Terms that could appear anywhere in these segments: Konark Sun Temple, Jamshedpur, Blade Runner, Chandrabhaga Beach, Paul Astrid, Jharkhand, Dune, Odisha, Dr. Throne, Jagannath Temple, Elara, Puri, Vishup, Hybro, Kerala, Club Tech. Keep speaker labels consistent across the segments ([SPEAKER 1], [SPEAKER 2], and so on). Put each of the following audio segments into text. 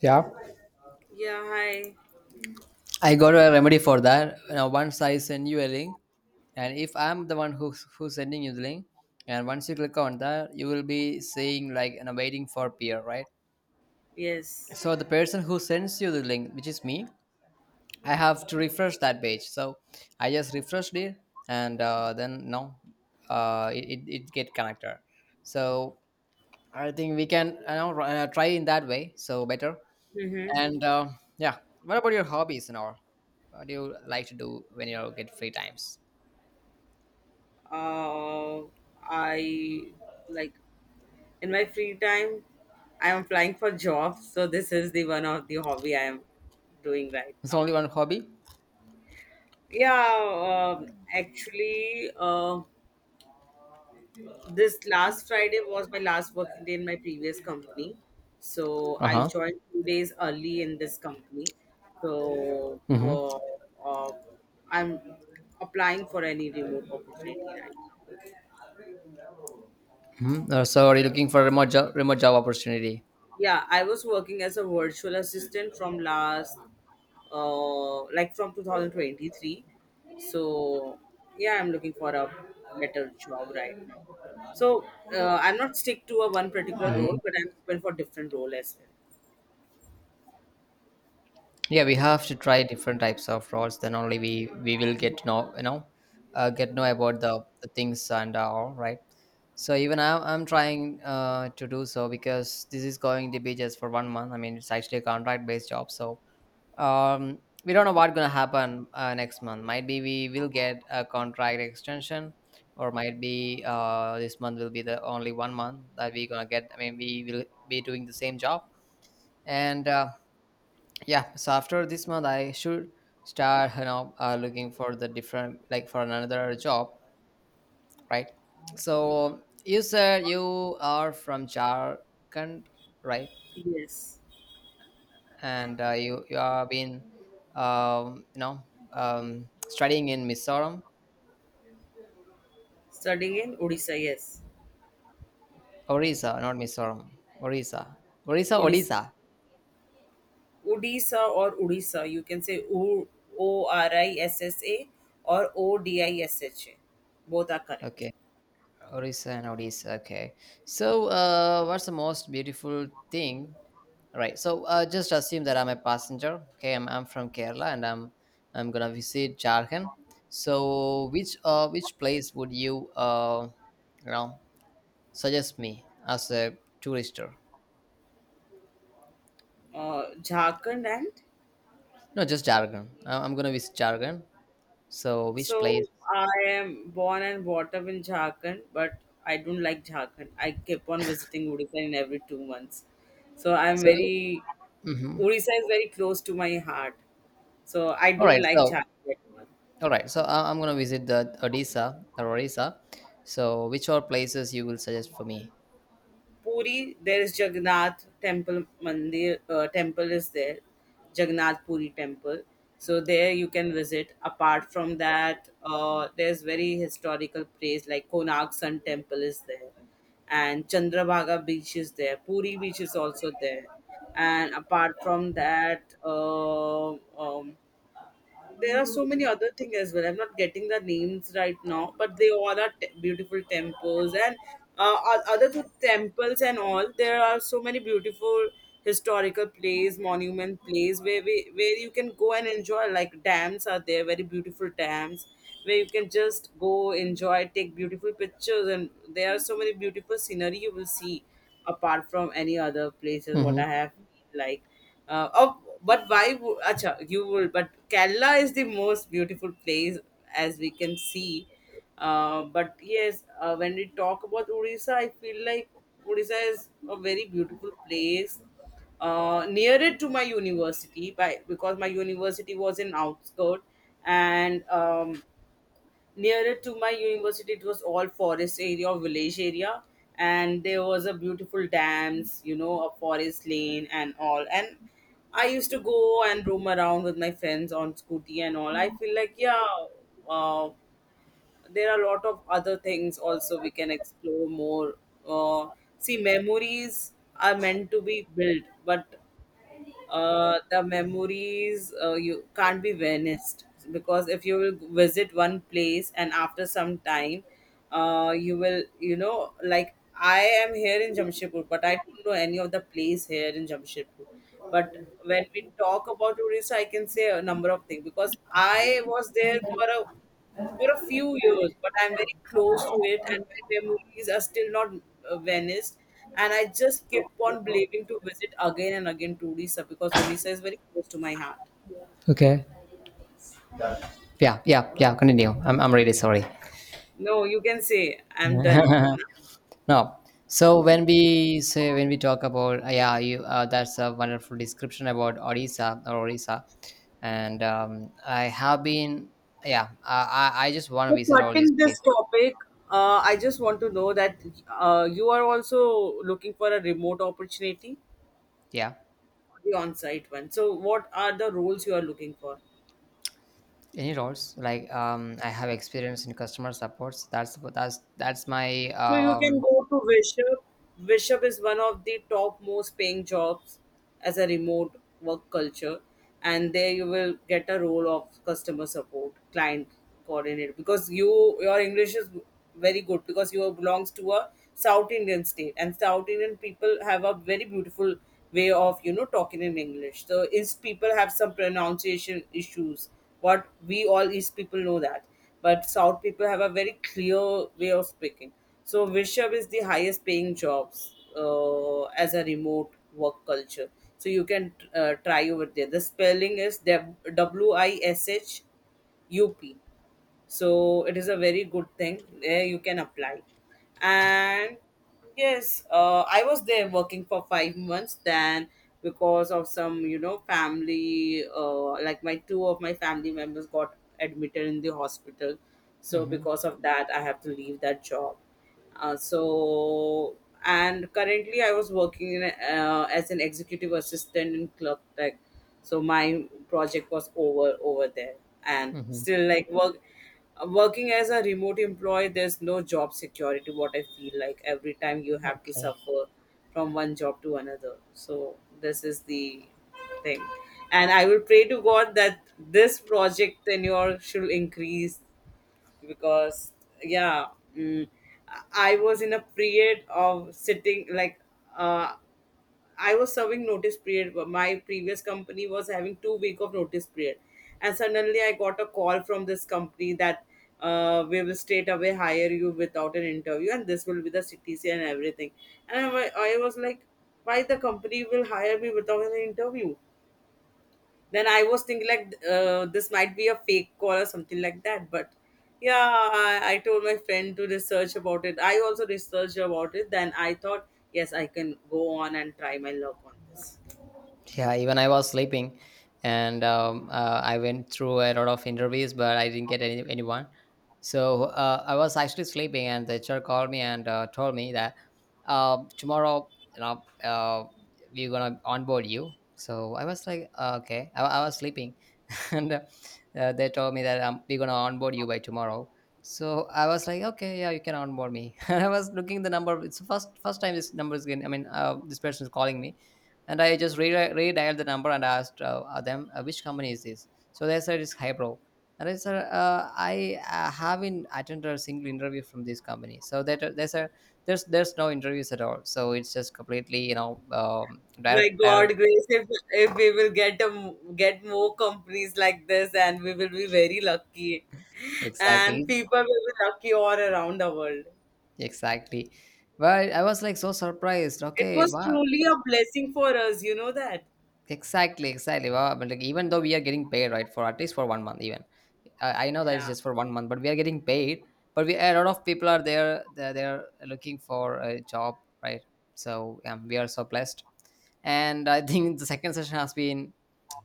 [SPEAKER 1] Yeah.
[SPEAKER 2] Yeah, hi.
[SPEAKER 1] I got a remedy for that. Now, once I send you a link, and if I'm the one who's sending you the link, and once you click on that, you will be saying, waiting for peer, right?
[SPEAKER 2] Yes.
[SPEAKER 1] So the person who sends you the link, which is me, I have to refresh that page. So I just refreshed it, and then no, it get connected. So I think we can, try in that way. So better.
[SPEAKER 2] Mm-hmm.
[SPEAKER 1] And uh, yeah, what about your hobbies and all? What do you like to do when you get free times?
[SPEAKER 2] Uh, I like in my free time, I am applying for jobs. So this is the one of the hobby I am doing right
[SPEAKER 1] It's
[SPEAKER 2] now.
[SPEAKER 1] only one hobby.
[SPEAKER 2] Yeah. Actually, this last Friday was my last working day in my previous company. So
[SPEAKER 1] Uh
[SPEAKER 2] I
[SPEAKER 1] huh.
[SPEAKER 2] joined 2 days early in this company. So
[SPEAKER 1] Mm-hmm.
[SPEAKER 2] uh, I'm applying for any remote opportunity right now.
[SPEAKER 1] Mm-hmm. Are you looking for a remote job opportunity?
[SPEAKER 2] Yeah, I was working as a virtual assistant from last, like from 2023. So, yeah, I'm looking for a better job right now. So, I'm not stick to a one particular
[SPEAKER 1] Mhm.
[SPEAKER 2] role, but I'm open for different role as well.
[SPEAKER 1] Yeah, we have to try different types of roles, then only we will get to know, get know about the things, and all right. So even I, I'm trying to do so, because this is going to be just for 1 month. I mean, it's actually a contract based job. So we don't know what's going to happen. Next month, might be we will get a contract extension, or might be this month will be the only 1 month that we're going to get. I mean, we will be doing the same job. And yeah so after this month, I should start, looking for the different, like for another job. Right? So you said you are from Jharkhand, right?
[SPEAKER 2] Yes.
[SPEAKER 1] and You are been, um, you know studying in Mizoram.
[SPEAKER 2] Studying in Odisha, yes.
[SPEAKER 1] Orissa, not Mizoram. Orissa. Orissa.
[SPEAKER 2] Odisha.
[SPEAKER 1] Odisha,
[SPEAKER 2] Odisha or Odisha, you can say OORISSA or ODISHA. Both are correct.
[SPEAKER 1] okay. Orissa and Odisha. Okay. So, what's the most beautiful thing? Right. So, just assume that I'm a passenger. Okay, I'm from Kerala, and I'm gonna visit Jharkhand. So, which place would you you know suggest me as a tourister?
[SPEAKER 2] Jharkhand and
[SPEAKER 1] No, just Jharkhand. I'm gonna visit Jharkhand. So, which
[SPEAKER 2] So
[SPEAKER 1] place?
[SPEAKER 2] I am born and brought up in Jharkhand, but I don't like Jharkhand. I keep on visiting Odisha in every 2 months. So I'm
[SPEAKER 1] So,
[SPEAKER 2] very
[SPEAKER 1] mhm.
[SPEAKER 2] Odisha is very close to my heart. So I
[SPEAKER 1] All
[SPEAKER 2] don't
[SPEAKER 1] right.
[SPEAKER 2] like
[SPEAKER 1] So,
[SPEAKER 2] Jharkhand.
[SPEAKER 1] all right, so I'm gonna visit the Odisha or Orissa. So, which are places you will suggest for me?
[SPEAKER 2] Puri, there is Jagannath Temple Mandir temple is there, Jagannath Puri temple. So there you can visit. Apart from that, there's very historical place like Konark Sun Temple is there, and Chandrabhaga Beach is there. Puri Beach is also there, and apart from that, um, there are so many other things as well. I'm not getting the names right now, but they all are beautiful temples and other two temples and all. There are so many beautiful historical place, monument place where where you can go and enjoy. Like dams are there, very beautiful dams where you can just go enjoy, take beautiful pictures, and there are so many beautiful scenery you will see apart from any other places. What
[SPEAKER 1] Hmm.
[SPEAKER 2] I have like. Oh, but why? Acha, you will. But Kerala is the most beautiful place as we can see. But yes, when we talk about Odisha, I feel like Odisha is a very beautiful place. Nearer to my university, by because my university was in outskirt, and nearer to my university it was all forest area or village area, and there was a beautiful dams, you know, a forest lane and all, and I used to go and roam around with my friends on scooty and all. I feel like, yeah, uh, there are a lot of other things also we can explore more. uh, see, memories are meant to be built, but the memories, you can't be vanished, because if you will visit one place and after some time, you will, you know, like I am here in Jamshedpur but I don't know any of the place here in Jamshedpur. But when we talk about tourists, I can say a number of things because I was there for a, for a few years, but I'm very close to it, and my memories are still not vanished. And I just keep on believing to visit again and again to Odisha because Odisha is very close to my heart.
[SPEAKER 1] Okay. Yeah, yeah, yeah. Continue. I'm really sorry.
[SPEAKER 2] No, you can say I'm done.
[SPEAKER 1] No. So when we say, when we talk about, yeah, you that's a wonderful description about Odisha or Orissa, and I have been, yeah. I just want to
[SPEAKER 2] So,
[SPEAKER 1] visit all these
[SPEAKER 2] cutting this
[SPEAKER 1] places.
[SPEAKER 2] topic, I just want to know that you are also looking for a remote opportunity,
[SPEAKER 1] Yeah.
[SPEAKER 2] the on-site one. So, what are the roles you are looking for?
[SPEAKER 1] Any roles, like I have experience in customer supports. That's my
[SPEAKER 2] So you can go to Vishup. Vishup is one of the top most paying jobs as a remote work culture. And there you will get a role of customer support, client coordinator because your English is very good because you belongs to a South Indian state, and South Indian people have a very beautiful way of, you know, talking in English. So East people have some pronunciation issues, but we all East people know that. But South people have a very clear way of speaking. So Vishup is the highest paying jobs as a remote work culture. So you can try over there. The spelling is WISHUP. So it is a very good thing. There you can apply. And yes, I was there working for 5 months. Then because of some, you know, family, like my two of my family members got admitted in the hospital. So
[SPEAKER 1] Mhm,
[SPEAKER 2] because of that, I have to leave that job, so, and currently I was working in, as an executive assistant in Club Tech. So my project was over there, and
[SPEAKER 1] mhm,
[SPEAKER 2] still like working as a remote employee. There's no job security. What I feel like every time you have to
[SPEAKER 1] okay.
[SPEAKER 2] suffer from one job to another. So this is the thing, and I will pray to God that this project tenure should increase because, yeah, mm, I was in a period of sitting like, uh, I was serving notice period, but my previous company was having 2 week of notice period, and suddenly I got a call from this company that we will straight away hire you without an interview, and this will be the CTC and everything. And I was like, why the company will hire me without an interview? Then I was thinking like this might be a fake call or something like that. But yeah, I told my friend to research about it. I also researched about it. Then I thought, yes, I can go on and try my luck on this.
[SPEAKER 1] Yeah, even I was sleeping, and I went through a lot of interviews, but I didn't get anyone. So I was actually sleeping, and the HR called me and told me that tomorrow, you know uh, we're gonna onboard you. So I was like okay. I was sleeping. and they told me that we're gonna onboard you by tomorrow. So I was like, okay, yeah, you can onboard me. And I was looking the number, it's the first time this number is getting, I mean, this person is calling me. And I just redialed the number and asked, them which company is this. So they said it's Hybro, and I said I haven't attended a single interview from this company. So that they said there's no interviews at all. So it's just completely,
[SPEAKER 2] My
[SPEAKER 1] direct, direct.
[SPEAKER 2] God, Grace, if we will get get more companies like this, and we will be very lucky,
[SPEAKER 1] Exactly,
[SPEAKER 2] and people will be lucky all around the world.
[SPEAKER 1] exactly. But I was like so surprised.
[SPEAKER 2] It
[SPEAKER 1] Okay,
[SPEAKER 2] was
[SPEAKER 1] wow.
[SPEAKER 2] truly a blessing for us, you know that.
[SPEAKER 1] Exactly, exactly. Wow, but like, even though we are getting paid, right, for at least for 1 month, even I know that it's
[SPEAKER 2] Yeah.
[SPEAKER 1] just for 1 month, but we are getting paid. But we, a lot of people are there. They're looking for a job, right? So we are so blessed. And I think the second session has been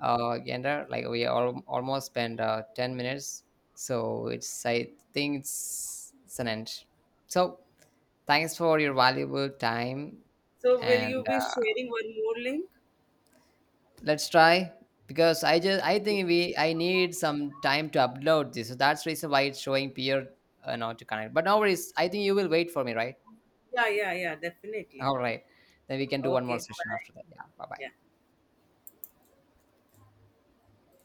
[SPEAKER 1] gender, like we all almost spent 10 minutes. So it's, I think it's an end. So thanks for your valuable time,
[SPEAKER 2] So, will you
[SPEAKER 1] and
[SPEAKER 2] be sharing one more link?
[SPEAKER 1] let's try, because I just, I think we, I need some time to upload this. So that's the reason why it's showing peer not to connect. But no worries. I think you will wait for me, right?
[SPEAKER 2] Yeah, yeah, yeah, definitely.
[SPEAKER 1] All right. Then we can do one more
[SPEAKER 2] Okay,
[SPEAKER 1] session
[SPEAKER 2] bye.
[SPEAKER 1] after that. Yeah. Bye bye.
[SPEAKER 2] Yeah.